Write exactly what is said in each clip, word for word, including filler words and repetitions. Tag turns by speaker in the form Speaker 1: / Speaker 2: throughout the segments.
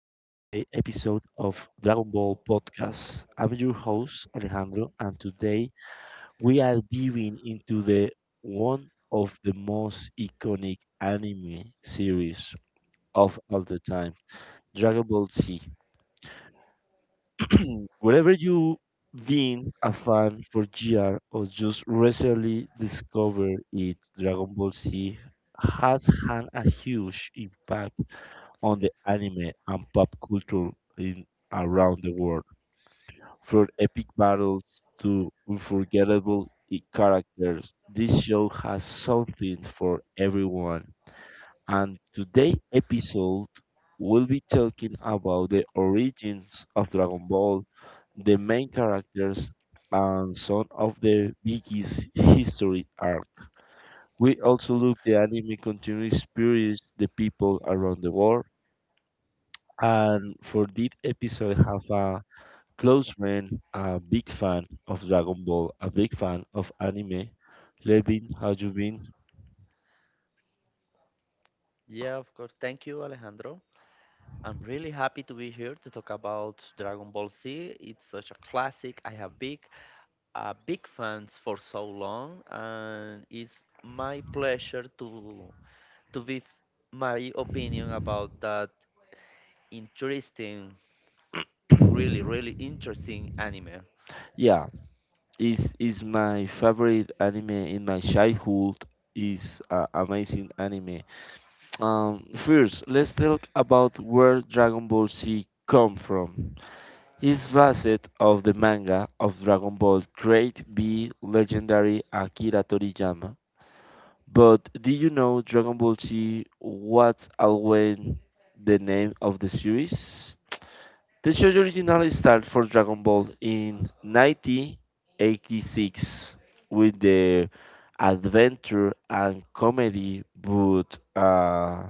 Speaker 1: episode of Dragon Ball Podcast. I'm your host, Alejandro, and today we are diving into the one of the most iconic anime series of all the time, Dragon Ball Z. Wherever you been a fan for G R or just recently discovered it, Dragon Ball Z has had a huge impact on the anime and pop culture in around the world. From epic battles to unforgettable i- characters, this show has something for everyone. And today's episode will be talking about the origins of Dragon Ball, the main characters, and some of the biggest history arc. We also look the anime continues spirits the people around the world. And for this episode, I have a close friend, a big fan of Dragon Ball, a big fan of anime. Levin, how you been?
Speaker 2: Yeah, of course. Thank you, Alejandro. I'm really happy to be here to talk about Dragon Ball Z. It's such a classic. I have big, a big fans for so long, and it's my pleasure to to give my opinion about that interesting, really, really interesting anime.
Speaker 1: Yeah, is is my favorite anime in my childhood. Is uh, amazing anime. Um, first, let's talk about where Dragon Ball Z come from. It's based of the manga of Dragon Ball created by legendary Akira Toriyama. But did you know Dragon Ball Z was always the name of the series? The show's originally started for Dragon Ball in nineteen eighty-six with the adventure and comedy but uh,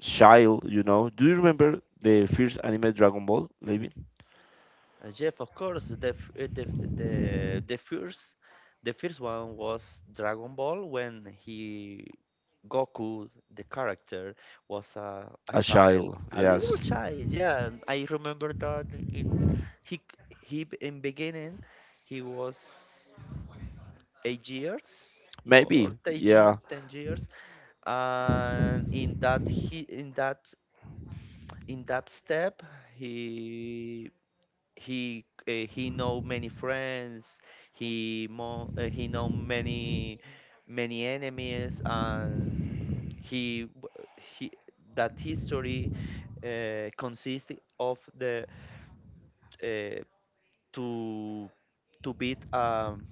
Speaker 1: child, you know. Do you remember the first anime Dragon Ball, Levin?
Speaker 2: Uh, Jeff, of course, the, f- uh, the the the first the first one was Dragon Ball when he Goku the character was a, a
Speaker 1: A
Speaker 2: child,
Speaker 1: child,
Speaker 2: a little
Speaker 1: yes.
Speaker 2: child. Yeah, and I remember that in he c- he b- in beginning he was eight years or
Speaker 1: Maybe,
Speaker 2: 10, ye-
Speaker 1: yeah.
Speaker 2: 10 years, and in that he in that in that step he he uh, he know many friends. He mo uh, he know many many enemies, and he w- he that history uh, consists of the, uh, to to beat, um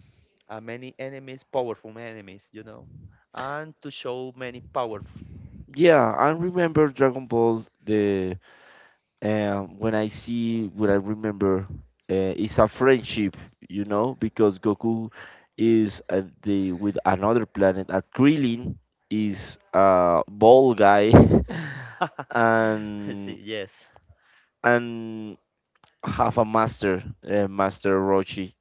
Speaker 2: uh, many enemies powerful enemies, you know, and to show many powerful.
Speaker 1: Yeah, I remember Dragon Ball the um when I see what I remember uh, is a friendship, you know, because Goku is at the with another planet. And Krillin is a ball guy
Speaker 2: See,
Speaker 1: and
Speaker 2: yes.
Speaker 1: and have a master, uh, Master Roshi,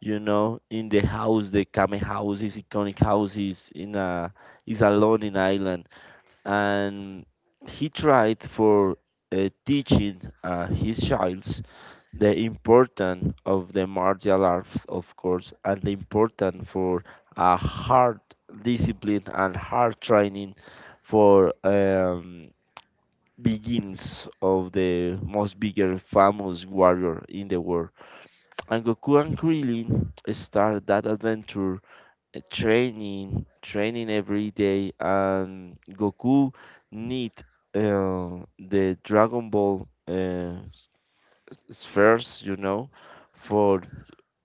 Speaker 1: you know, in the house, the Kame house, his iconic house is in a is alone in island and he tried for uh, teaching uh, his childs the importance of the martial arts, of course, and the importance for a hard discipline and hard training for um, begins of the most bigger famous warrior in the world. And Goku and Krillin start that adventure uh, training training every day and Goku need uh, the Dragon Ball uh, spheres, you know, for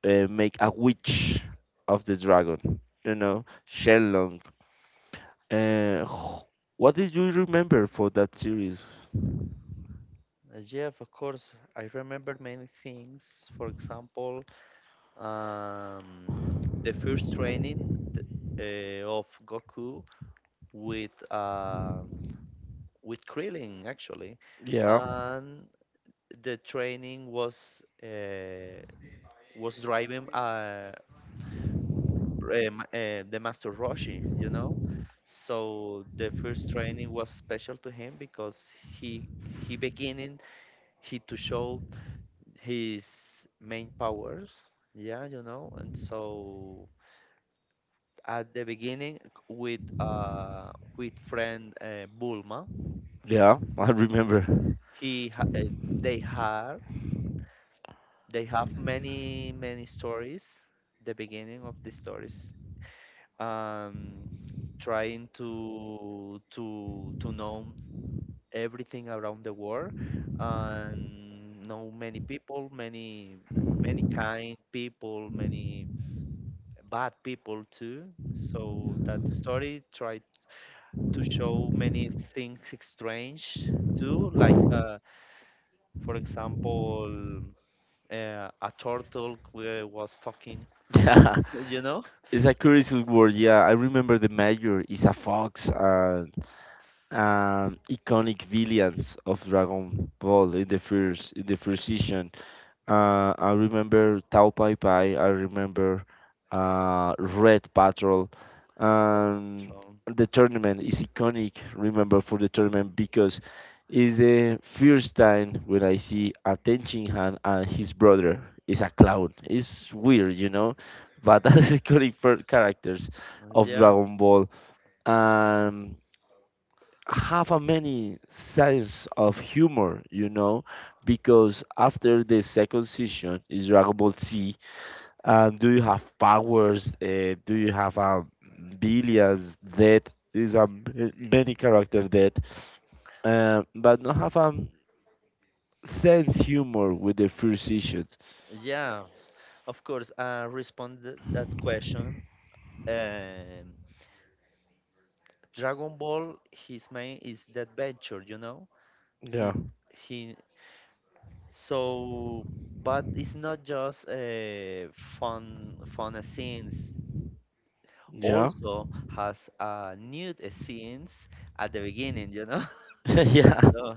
Speaker 1: uh, make a witch of the dragon, you know, Shenlong. uh, wh- what did you remember for that series?
Speaker 2: Uh, yeah, of course, I remember many things. For example, um, the first training, th- uh, of Goku, with uh, with Krillin, actually,
Speaker 1: Yeah,
Speaker 2: and the training was uh, was driving, uh, um, uh, the Master Roshi, you know. So the first training was special to him because he he beginning he to show his main powers, yeah, you know, and so at the beginning with uh with friend, uh, Bulma.
Speaker 1: yeah, I remember.
Speaker 2: He ha uh, they had they have many many stories. The beginning of the stories, um, trying to to to know everything around the world, and know many people, many many kind people, many bad people too. So that story try to show many things strange too. Like, uh, for example, uh, a turtle who was talking,
Speaker 1: Yeah,
Speaker 2: you know?
Speaker 1: it's a curious word. Yeah, I remember the major. Is a fox, and um, iconic villains of Dragon Ball in the first in the first season. Uh, I remember Tao Pai Pai. I remember uh, Red Patrol. Um,
Speaker 2: Trump.
Speaker 1: the tournament is iconic. Remember for the tournament because it's the first time when I see a Ten Shin Han and his brother is a clown. It's weird, you know, but that's iconic per- characters of
Speaker 2: Yeah,
Speaker 1: Dragon Ball. Um, have a many sense of humor, you know, because after the second season is Dragon Ball Z, and do you have powers? Uh, do you have um, billions dead? Is a m- many character dead, uh, but not have a sense humor with the first season.
Speaker 2: yeah. Of course, I responded that question. Um, Dragon Ball, his main is the adventure, you know.
Speaker 1: Yeah,
Speaker 2: He he. So, but it's not just uh, fun fun scenes.
Speaker 1: yeah,
Speaker 2: Also has uh, nude scenes at the beginning, you know.
Speaker 1: yeah,
Speaker 2: So,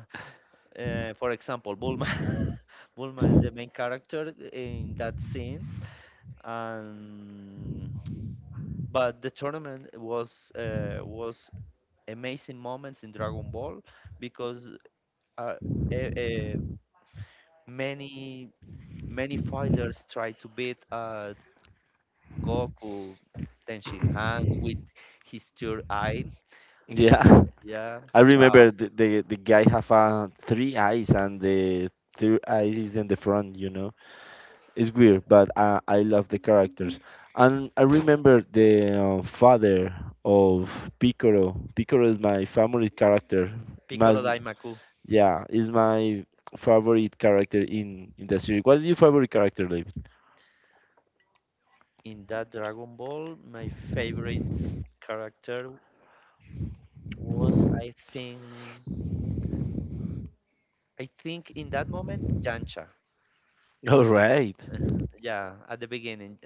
Speaker 2: uh, for example, Bulma. Bulma is the main character in that scenes, and but the tournament was uh, was amazing moments in Dragon Ball, because, uh, eh, eh, many many fighters try to beat, uh, Goku. Tenshinhan with his third eye.
Speaker 1: yeah.
Speaker 2: Yeah,
Speaker 1: I
Speaker 2: Chao.
Speaker 1: remember the, the the guy have uh, three eyes and the third eye is in the front. You know, it's weird, but uh, I love the characters. And I remember the uh, father of Piccolo. Piccolo is my favorite character. My,
Speaker 2: Piccolo Daimaku.
Speaker 1: yeah, is my favorite character in in the series. What is your favorite character, David?
Speaker 2: In that Dragon Ball, my favorite character was, I think, I think in that moment, Yancha.
Speaker 1: All right.
Speaker 2: Uh, yeah, at the beginning.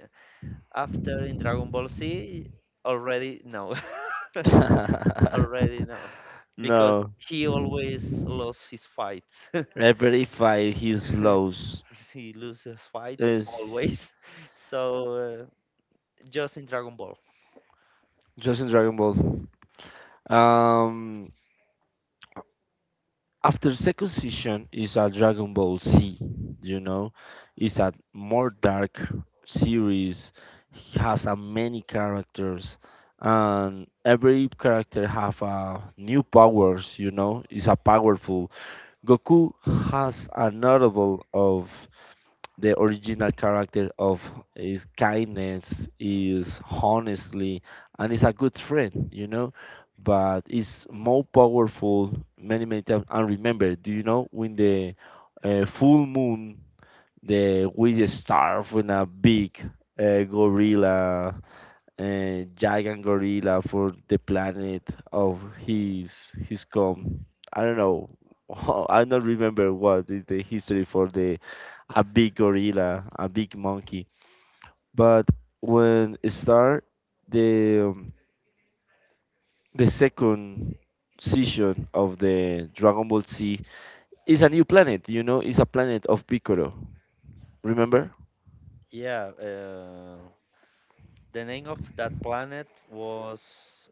Speaker 2: After in Dragon Ball Z, already no, already no, because
Speaker 1: No.
Speaker 2: he always lost his fights.
Speaker 1: Every fight he's lost
Speaker 2: He loses fights
Speaker 1: is
Speaker 2: always. So, uh, just in Dragon Ball.
Speaker 1: just in Dragon Ball. Um, After second season is a Dragon Ball Z, you know, it's a more dark series. It has a many characters, and every character have a new powers. You know, it's a powerful. Goku has a notable of the original character of is kindness is honestly and is a good friend, you know, but it's more powerful many many times and remember do you know when the uh, full moon the with the star when a big uh, gorilla uh, giant gorilla for the planet of his his come. I don't know. I don't remember what is the history for the a big gorilla, a big monkey. But when it start the um, the second season of the Dragon Ball Z is a new planet. You know, it's a planet of Piccolo. Remember?
Speaker 2: Yeah, uh, the name of that planet was.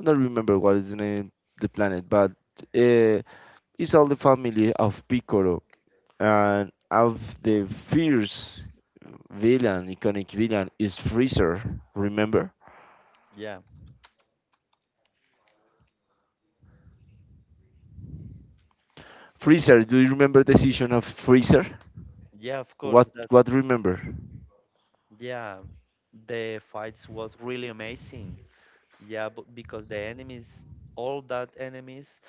Speaker 1: I don't remember what is the name the planet, but uh, it's all the family of Piccolo. And of the fierce villain, iconic villain, is Freezer. Remember?
Speaker 2: Yeah,
Speaker 1: Freezer, do you remember the season of Freezer?
Speaker 2: yeah, of course
Speaker 1: What
Speaker 2: that.
Speaker 1: what remember?
Speaker 2: Yeah, the fights was really amazing. Yeah, but because the enemies, all that enemies,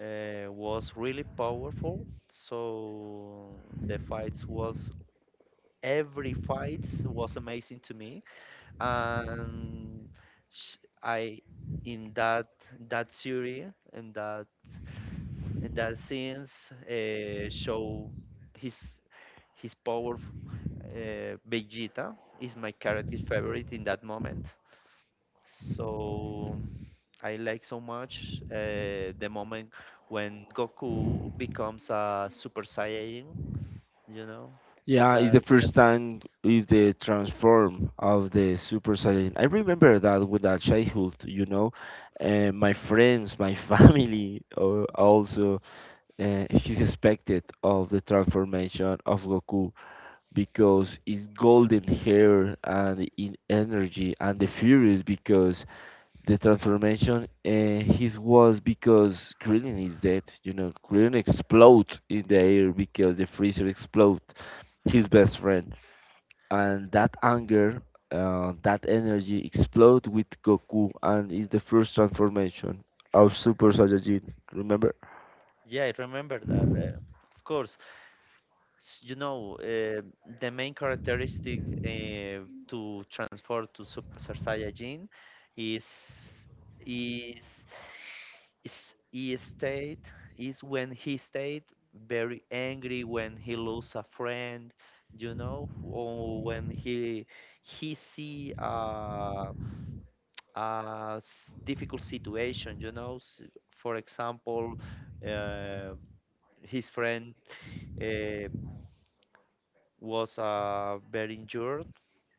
Speaker 2: uh, was really powerful. So the fights was every fight was amazing to me, and sh I in that that series, and that that scenes, uh, show his his power. uh, Vegeta is my character favorite in that moment. So I like so much, uh, the moment when Goku becomes a Super Saiyan, you know?
Speaker 1: Yeah, it's the
Speaker 2: That
Speaker 1: first time with the transform of the Super Saiyan. I remember that with that childhood, you know, and my friends, my family uh, also uh, is expected of the transformation of Goku. Because his golden hair and in energy and the furious because the transformation uh, his was because Krillin is dead. You know, Krillin explode in the air because the freezer explode his best friend, and that anger, uh, that energy explode with Goku and is the first transformation of Super Saiyajin. Remember?
Speaker 2: Yeah, I remember that. Uh, of course, s- you know, uh, the main characteristic, uh, to transfer to Super Saiyajin is is is he stayed is when he stayed very angry, when he lose a friend, you know, or when he he see a a s- difficult situation, you know. s- For example, uh, his friend Uh, was uh, very injured,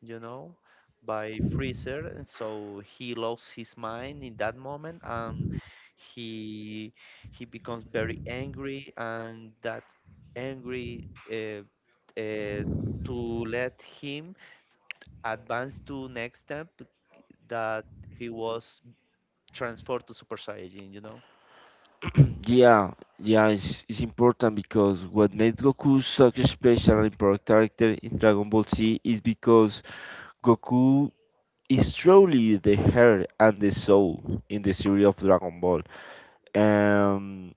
Speaker 2: you know, by freezer, and so he lost his mind in that moment, and he he becomes very angry, and that angry, uh, uh, to let him advance to next step, that he was transferred to Super Saiyajin, you know.
Speaker 1: Yeah, yeah, it's, it's important because what made Goku such a special and important character in Dragon Ball Z is because Goku is truly the heart and the soul in the series of Dragon Ball. Um,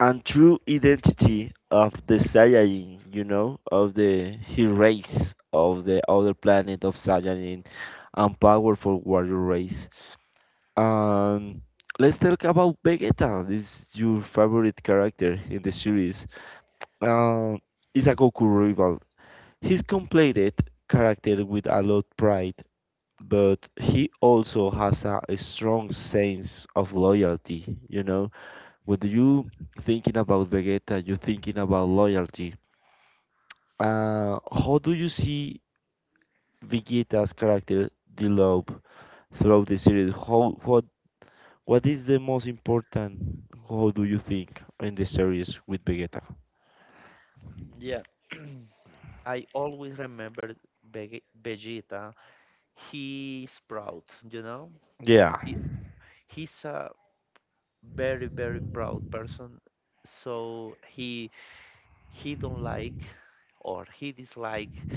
Speaker 1: and true identity of the Saiyajin, you know, of the his race of the other planet of Saiyajin and powerful warrior race. Um, let's talk about Vegeta. This is your favorite character in the series. Uh, is a Goku rival. He's completed character with a lot pride, but he also has a, a strong sense of loyalty. You know, when you thinking about Vegeta, you're thinking about loyalty. Uh, how do you see Vegeta's character develop throughout the series? How how what is the most important, how do you think, in the series with Vegeta?
Speaker 2: Yeah. I always remember Vege- Vegeta. He's proud, you know.
Speaker 1: Yeah,
Speaker 2: He's a very, very proud person, so he he don't like, or he dislike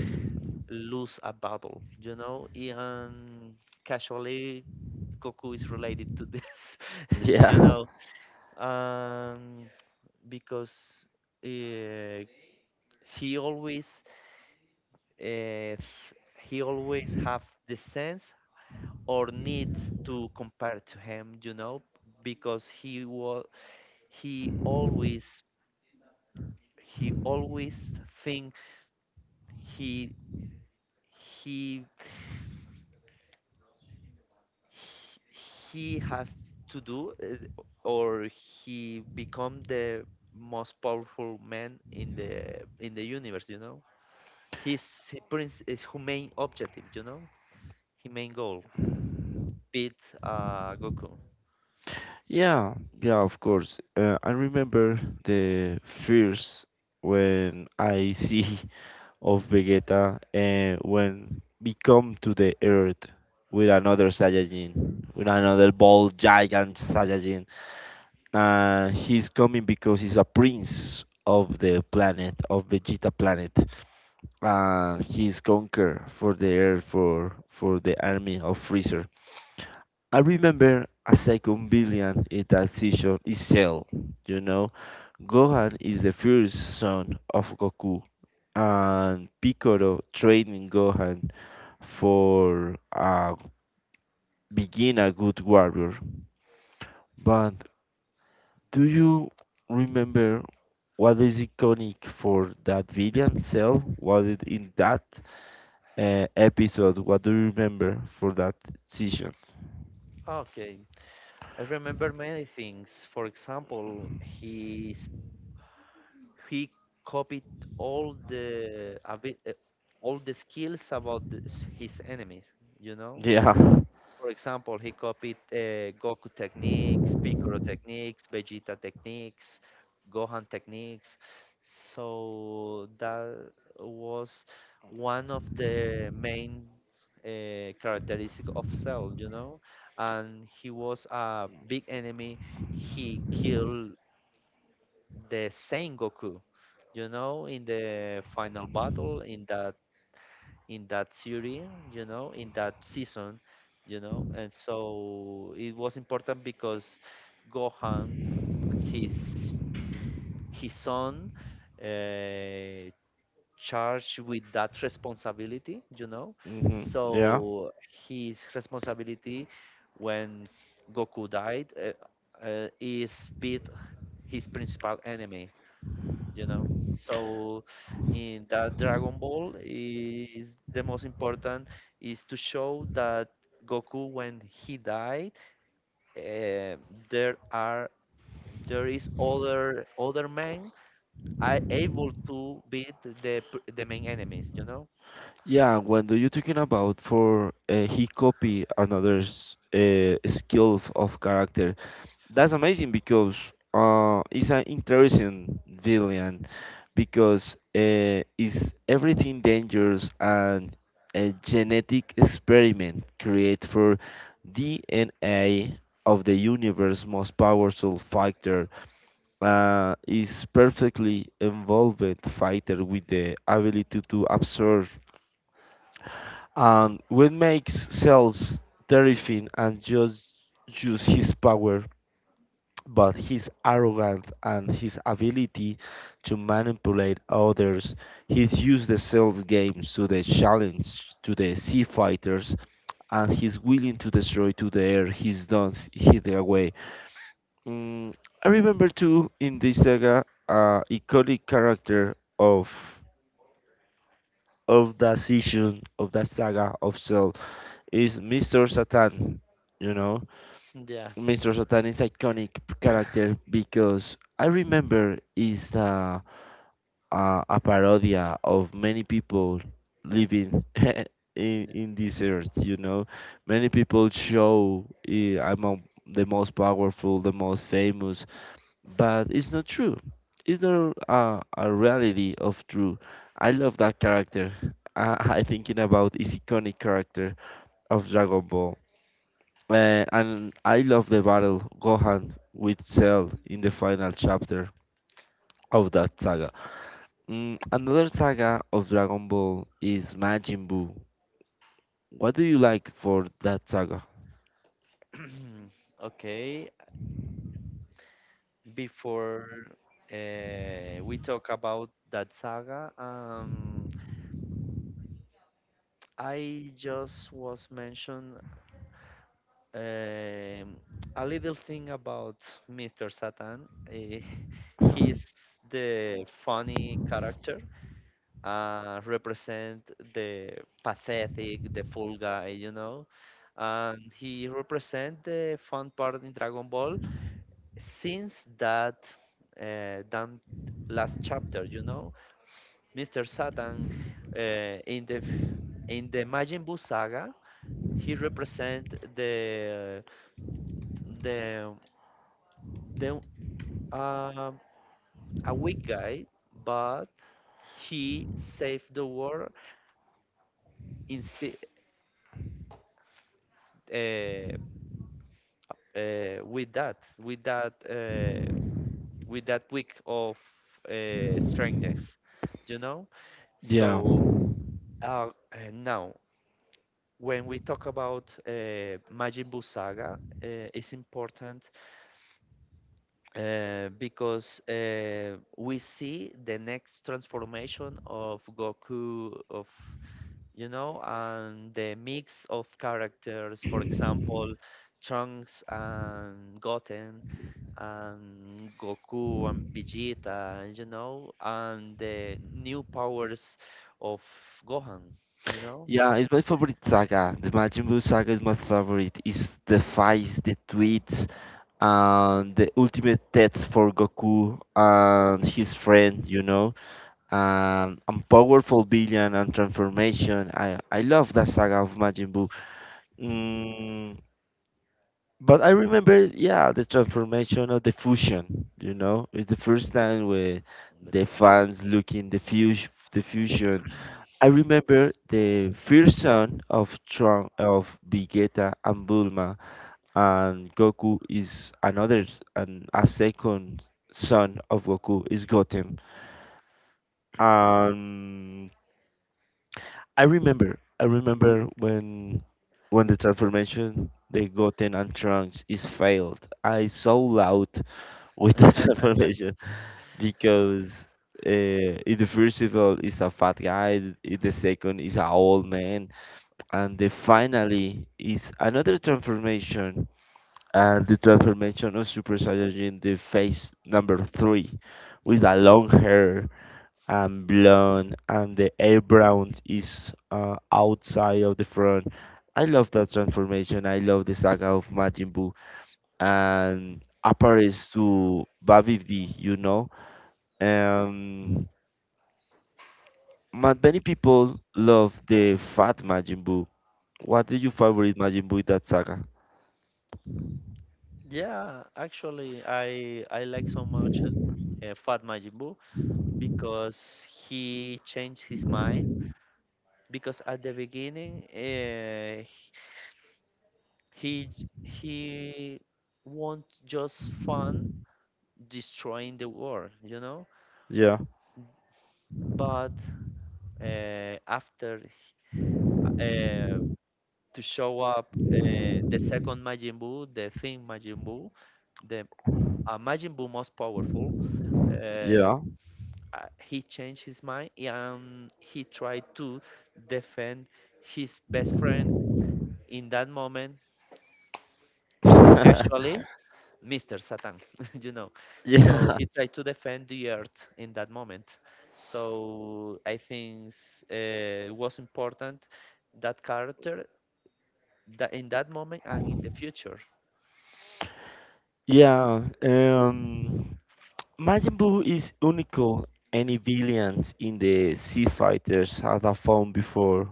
Speaker 2: lose a battle, you know, and casually Goku is related to this. You
Speaker 1: yeah,
Speaker 2: know, um because, uh, he always uh, he always have the sense or need to compare to him, you know, because he was he always he always think he he he has to do, uh, or he become the most powerful man in the in the universe, you know. His prince is his main objective, you know. His main goal, beat uh, Goku.
Speaker 1: yeah, yeah, of course. Uh, I remember the first when I see of Vegeta and when we come to the Earth with another Saiyajin, with another bald giant Saiyajin. Uh, he's coming because he's a prince of the planet, of Vegeta planet. Uh, he's conquer for the earth for for the army of Freezer. I remember a second villain in that season is Cell. You know, Gohan is the first son of Goku, and Piccolo training Gohan for uh, being a good warrior. But do you remember what is iconic for that villain Cell? Was it in that? Uh, episode what do you remember for that season?
Speaker 2: Okay, I remember many things. For example, his he copied all the abi- uh, all the skills about the, s- his enemies, you know.
Speaker 1: Yeah.
Speaker 2: For example, he copied, uh, Goku techniques, Piccolo techniques, Vegeta techniques, Gohan techniques. So that was one of the main, uh, characteristic of Cell, you know. And he was a big enemy. He killed the Sengoku, you know, in the final battle in that, in that series, you know, in that season, you know, and so it was important because Gohan, his his son, uh, charged with that responsibility, you know,
Speaker 1: Hmm. Yeah.
Speaker 2: so his responsibility when Goku died, uh, uh, is beat his principal enemy, you know. So in that Dragon Ball, is the most important, is to show that Goku when he died, eh, there are there is other other men are able to beat the p- the main enemies, you know.
Speaker 1: Yeah, when do you talking about for uh, he copy another's uh, skill f- of character? That's amazing because uh, it's an interesting villain because uh, is everything dangerous and a genetic experiment create for D N A of the universe most powerful fighter uh, is perfectly involved fighter with the ability to absorb and what makes Cells terrifying and just use his power, but his arrogance and his ability to manipulate others. He's used the Cells games to the challenge to the sea fighters and he's willing to destroy to the air he's done hid away. Mm, I remember too in this saga uh, iconic character of of that season of that saga of Cell is mister Satan. You know,
Speaker 2: Yeah.
Speaker 1: mister Satan is iconic character because I remember is uh, uh, a parodia of many people living in,
Speaker 2: N-
Speaker 1: in this earth. You know, many people show eh, among the most powerful, the most famous, but it's not true. It's not uh, a reality of true. I love that character. I, I thinking about his iconic character of Dragon Ball. Uh, and I love the battle Gohan with Cell in the final chapter of that saga. Mm, another saga of Dragon Ball is Majin Buu. What do you like for that saga?
Speaker 2: okay, before, uh, we talk about that saga, um I just was mentioned. Um, a little thing about mister Satan. Eh, he's the funny character, uh, represent the pathetic, the fool guy, you know. And he represent the fun part in Dragon Ball since that, uh, damn last chapter, you know. mister Satan, uh, in the f- in the Majin Buu saga, he represent the the the um, a weak guy, but he saved the world instead, uh, uh, with that, with that, uh, with that week of, uh, strangeness, you know.
Speaker 1: Yeah.
Speaker 2: So, uh, and now, when we talk about, uh, Majin Buu saga, uh, it's important, uh, because, uh, we see the next transformation of Goku of, you know, and the mix of characters, for example, Trunks and Goten and Goku and Vegeta, you know, and the new powers of Gohan, you know,
Speaker 1: Yeah, it's my favorite saga. The Majin Buu saga is my favorite. It's the fights, the tweets and the ultimate test for Goku and his friend, you know. Um, and powerful billion and transformation. I I love that saga of Majin Buu. Mm, but I remember, yeah, the transformation of the fusion. You know, it's the first time where
Speaker 2: in the
Speaker 1: the
Speaker 2: future.
Speaker 1: fans look in the fusion, the fusion, I remember the first son of Trunks of Vegeta and Bulma and Goku is another s- and a second son of Goku is Goten. Um I remember I remember when when the transformation the Goten and Trunks is failed. I so loud with the transformation because uh, in the first of all is a fat guy, in the second is a old man and the finally is another transformation and the transformation of Super Saiyajin the phase number three with the long hair and blonde and the eyebrow is uh, outside of the front. I love that transformation. I love the saga of Majin Buu and appears to Babib D, you know. Um, ma- Many people love the fat Majin Buu. What is your favorite Majin Buu in that saga?
Speaker 2: Yeah, actually, I I like so much, uh, Fat Majin Buu, because he changed his mind. Because at the beginning, uh, He he won't just fun destroying the world, you know,
Speaker 1: Yeah.
Speaker 2: but, uh, after h- uh, to show up, uh, the second Majin Buu, the thing Majin Buu, the, uh, Majin Buu most powerful. Uh,
Speaker 1: Yeah.
Speaker 2: uh, he changed his mind, and he tried to defend his best friend in that moment, casually mister Satan, you know. Yeah. So
Speaker 1: Yeah.
Speaker 2: he tried to defend the earth in that moment. So I think, uh, it was important, that character, that in that moment and in the future.
Speaker 1: Yeah, um, Majin Buu is unique. Any villains in the Sea Fighters had a phone before.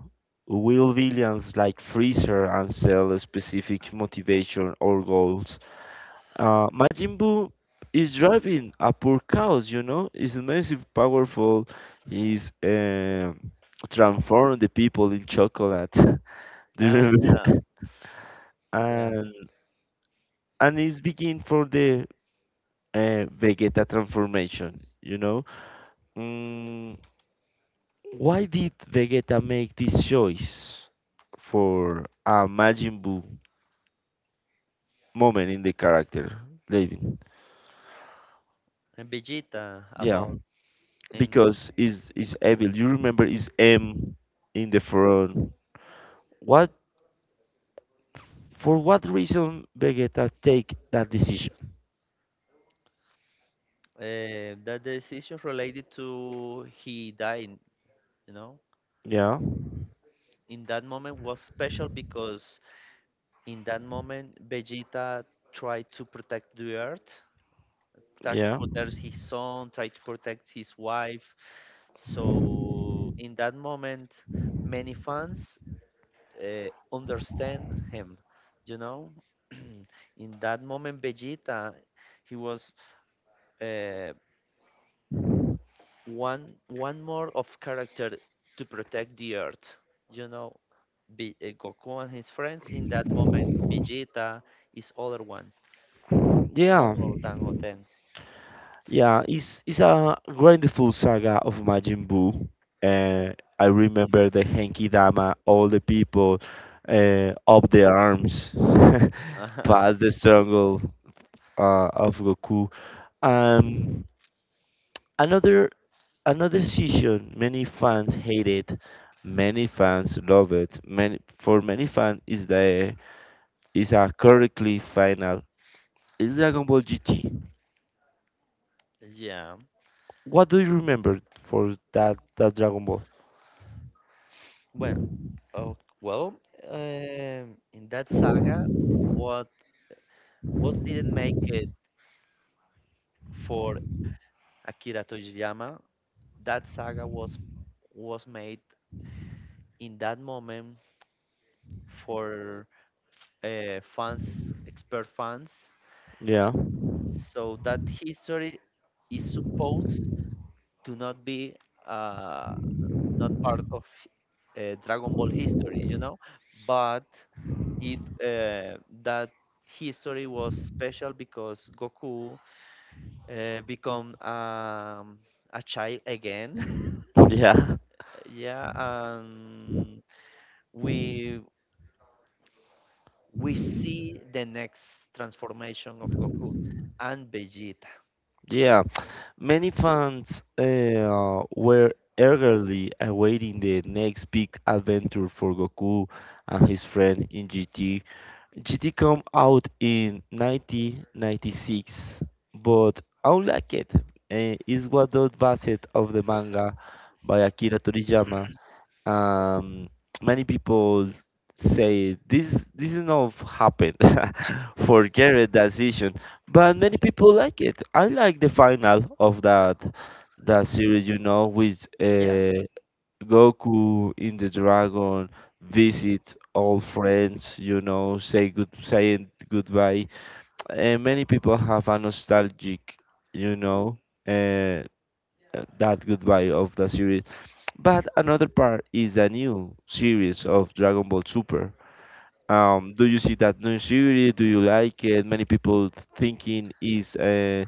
Speaker 1: Will villains like Freezer and Cell specific motivation or goals? Uh, Majin Buu is driving a poor cows, you know. He's massive, powerful. He's um transformed the people in chocolate. Do you
Speaker 2: Ah,
Speaker 1: remember?
Speaker 2: yeah,
Speaker 1: that?
Speaker 2: yeah.
Speaker 1: and and it's begin for the uh, Vegeta transformation. You know, mm, why did Vegeta make this choice for a Majin Buu moment in the character, David?
Speaker 2: And Vegeta
Speaker 1: Yeah,
Speaker 2: about in,
Speaker 1: because it's it's evil. You remember it's M in the front. What for what reason Vegeta take that decision?
Speaker 2: uh, that decision related to he dying, you know.
Speaker 1: Yeah,
Speaker 2: In that moment was special because in that moment Vegeta tried to protect the earth, tried to
Speaker 1: yeah,
Speaker 2: protect his son, try to protect his wife. So in that moment, many fans, uh, understand him. You know, in that moment, Vegeta, he was, uh, one one more of character to protect the Earth. You know, Be- uh, Goku and his friends, in that moment, Vegeta is other one. It's
Speaker 1: yeah,
Speaker 2: one more than of them.
Speaker 1: yeah. It's it's a grandful saga of Majin Buu. Uh, I remember the Henki Dama, all the people uh, up the arms, past the struggle uh, of Goku. Um, another Another season many fans hate it, many fans love it. Many for many fans is the is a correctly final. Is Dragon Ball G T.
Speaker 2: Yeah.
Speaker 1: What do you remember for that that Dragon Ball?
Speaker 2: Bueno. Oh, well, um, in that saga, what what didn't make it for Akira Toriyama, that saga was was made in that moment for, uh, fans, expert fans,
Speaker 1: Yeah,
Speaker 2: so that history is supposed to not be, uh, not part of, uh, Dragon Ball history, you know. But it uh, that history was special because Goku, uh, become, um, a child again.
Speaker 1: yeah.
Speaker 2: Yeah, and we we see the next transformation of Goku and Vegeta.
Speaker 1: Yeah, many fans uh, were eagerly awaiting the next big adventure for Goku and his friend in G T. G T came out in nineteen ninety-six, but unlike it, uh, is what was based of the manga by Akira Toriyama, um, many people say this this is not happened for Garrett decision, but many people like it. I like the final of that that series, you know, with
Speaker 2: Yeah,
Speaker 1: uh, Goku in the dragon visit old friends, you know, say good saying goodbye. And many people have a nostalgic, you know, uh, that goodbye of the series, but another part is a new series of Dragon Ball Super. Um, do you see that new series? Do you like it? Many people thinking is uh,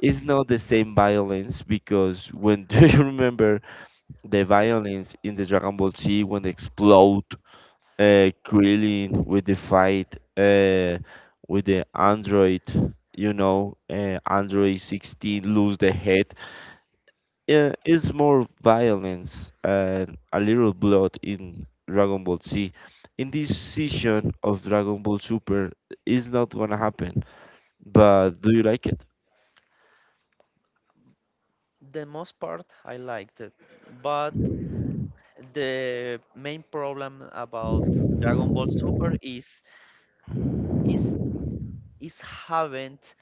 Speaker 1: is not the same violence, because when do you remember the violence in the Dragon Ball Z when they explode uh, Krillin with the fight uh, with the android, you know, uh, Android sixteen lose the head, yeah, it's more violence and a little blood in Dragon Ball Z. In this season of Dragon Ball Super, it's not gonna happen. But do you like it?
Speaker 2: the most part I liked it, but the main problem about Dragon Ball Super is is is haven't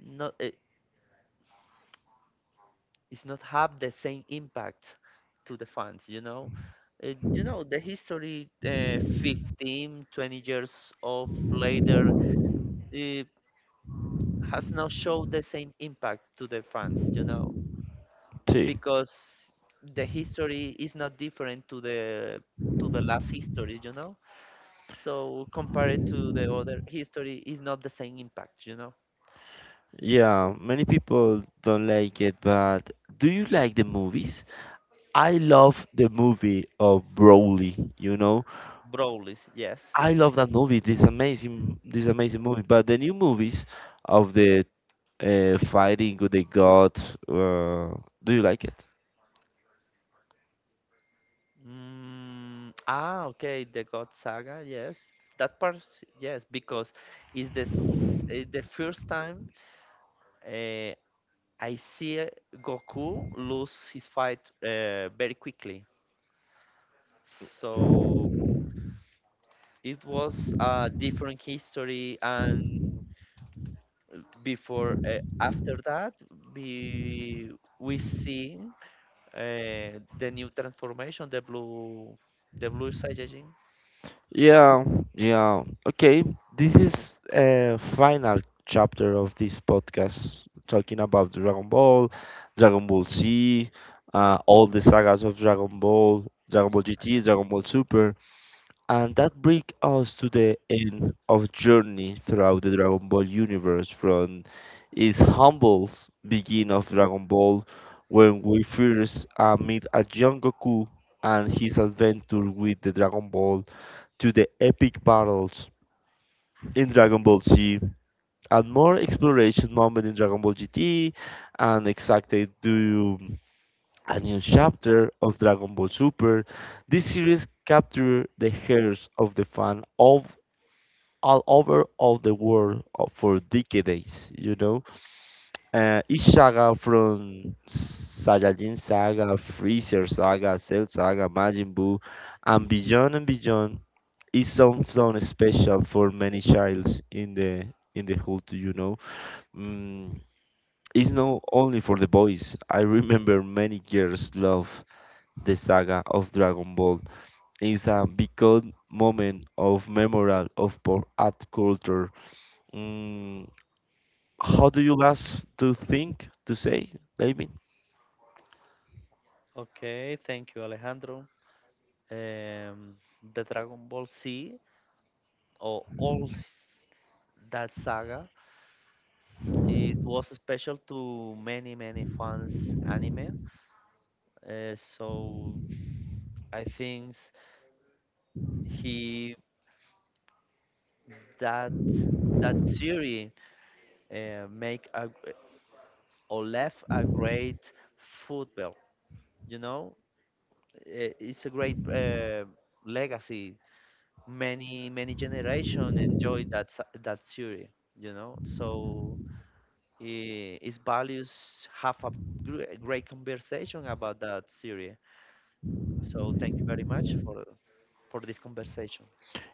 Speaker 2: not it's not have the same impact to the fans, you know. Uh, you know, the history, uh, fifteen twenty years of later, it has not showed the same impact to the fans, you know,
Speaker 1: See.
Speaker 2: because the history is not different to the to the last history, you know. So compared to the other history, is not the same impact, you know.
Speaker 1: Yeah, many people don't like it, but do you like the movies? I love the movie of Broly, you know?
Speaker 2: Brolis, yes,
Speaker 1: I
Speaker 2: yeah.
Speaker 1: love that movie. This amazing, this amazing movie. But the new movies of the uh, fighting with the god, uh, do you like it?
Speaker 2: Mm, ah, okay, the God Saga, yes. That part, yes, because it's the s- eh, the first time, uh, I see, eh, Goku lose his fight, uh, very quickly. So it was a different history, and before, uh, after that, we we see, uh, the new transformation, the blue the blue Saiyajin.
Speaker 1: Yeah, yeah. Okay, this is a final chapter of this podcast talking about Dragon Ball, Dragon Ball Z, uh, all the sagas of Dragon Ball, Dragon
Speaker 2: Blue
Speaker 1: Ball G T,
Speaker 2: Saga.
Speaker 1: Dragon Ball Super. And that brings us to the end of journey throughout the Dragon Ball universe, from its humble beginning of Dragon Ball when we first uh, meet a young Goku and his adventure with the Dragon Ball, to the epic battles in Dragon Ball Z, and more exploration moment in Dragon Ball G T, and exactly to a new chapter of Dragon Ball Super. This series captures the hearts of the fan of all over all the world uh, for decades, you know. Uh, each saga from Saiyajin Saga, Freezer Saga, Cell Saga, Majin Buu, and beyond and beyond, is something special for many childs in the in the hood, you know. Mm, it's not only for the boys. I remember many girls love the saga of Dragon Ball. Is a big moment of memorial of pop art culture. Mm, how do you last to think to say, David?
Speaker 2: Okay, thank you, Alejandro. Um, the Dragon Ball Z, or all s- that saga, it was special to many, many fans anime. Uh, so I think he that that series, uh, make a, or left a great football. You know. Uh, it's a great, uh, legacy. Many many generation enjoy that s- that theory, you know. So, eh, its values have a gr- great conversation about that theory. So thank you very much for for this conversation.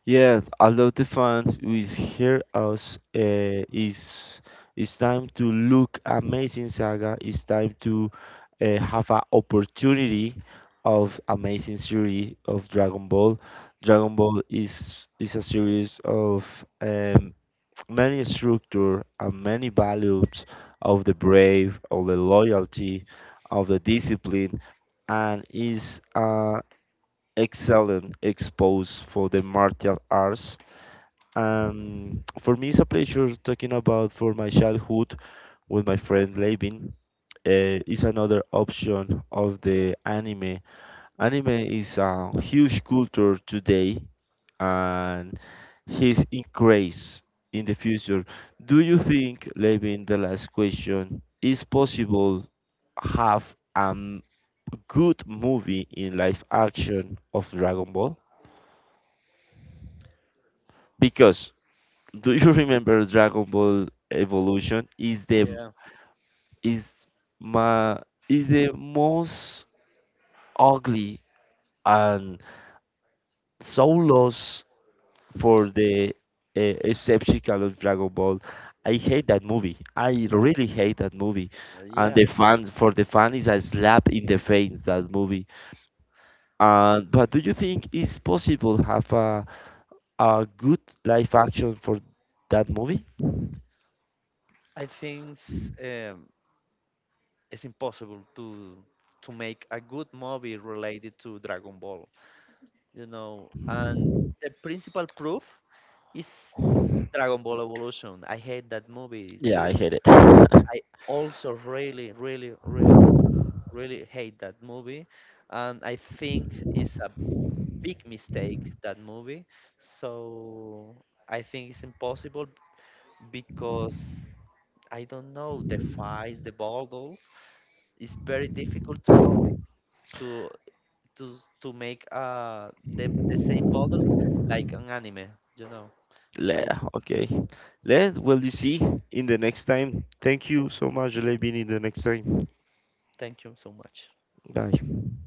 Speaker 1: Yeah, although the fans who is here us uh, is it's time to look Amazing Saga. It's time to uh, have an opportunity of Amazing series of Dragon Ball. Dragon Ball is is a series of, um, many structure and many values, of the brave, of the loyalty, of the discipline, and is uh, excellent expose for the martial arts, um, for me, it's a pleasure talking about for my childhood with my friend Levin. Uh, is another option of the anime. Anime is a huge culture today, and his increase in the future. Do you think, Levin, the last question, is possible have a good movie in live action of Dragon Ball? Because do you remember Dragon Ball Evolution? Is the
Speaker 2: Yeah.
Speaker 1: is my is the most ugly and so lost for the uh, exceptional of Dragon Ball. I hate that movie. I really hate that movie,
Speaker 2: Uh,
Speaker 1: and
Speaker 2: yeah,
Speaker 1: the fans, for the fan is a slap in the face that movie. And but do you think it's possible have a a good live action for that movie?
Speaker 2: I think, s- um, it's impossible to to make a good movie related to Dragon Ball, you know. And the principal proof is Dragon Ball Evolution. I hate that movie
Speaker 1: Yeah, I
Speaker 2: too.
Speaker 1: hate it.
Speaker 2: I also really, really, really, really hate that movie, and I think it's a big mistake, that movie. So I think it's impossible because I don't know the fights, the battles. It's very difficult to copy, to to to make, uh the the same battles like an anime. You know.
Speaker 1: Le-
Speaker 2: I
Speaker 1: Okay. Let, well, you see in the next time. Thank you so much, Levin, in the next time.
Speaker 2: Thank you so much.
Speaker 1: Bye.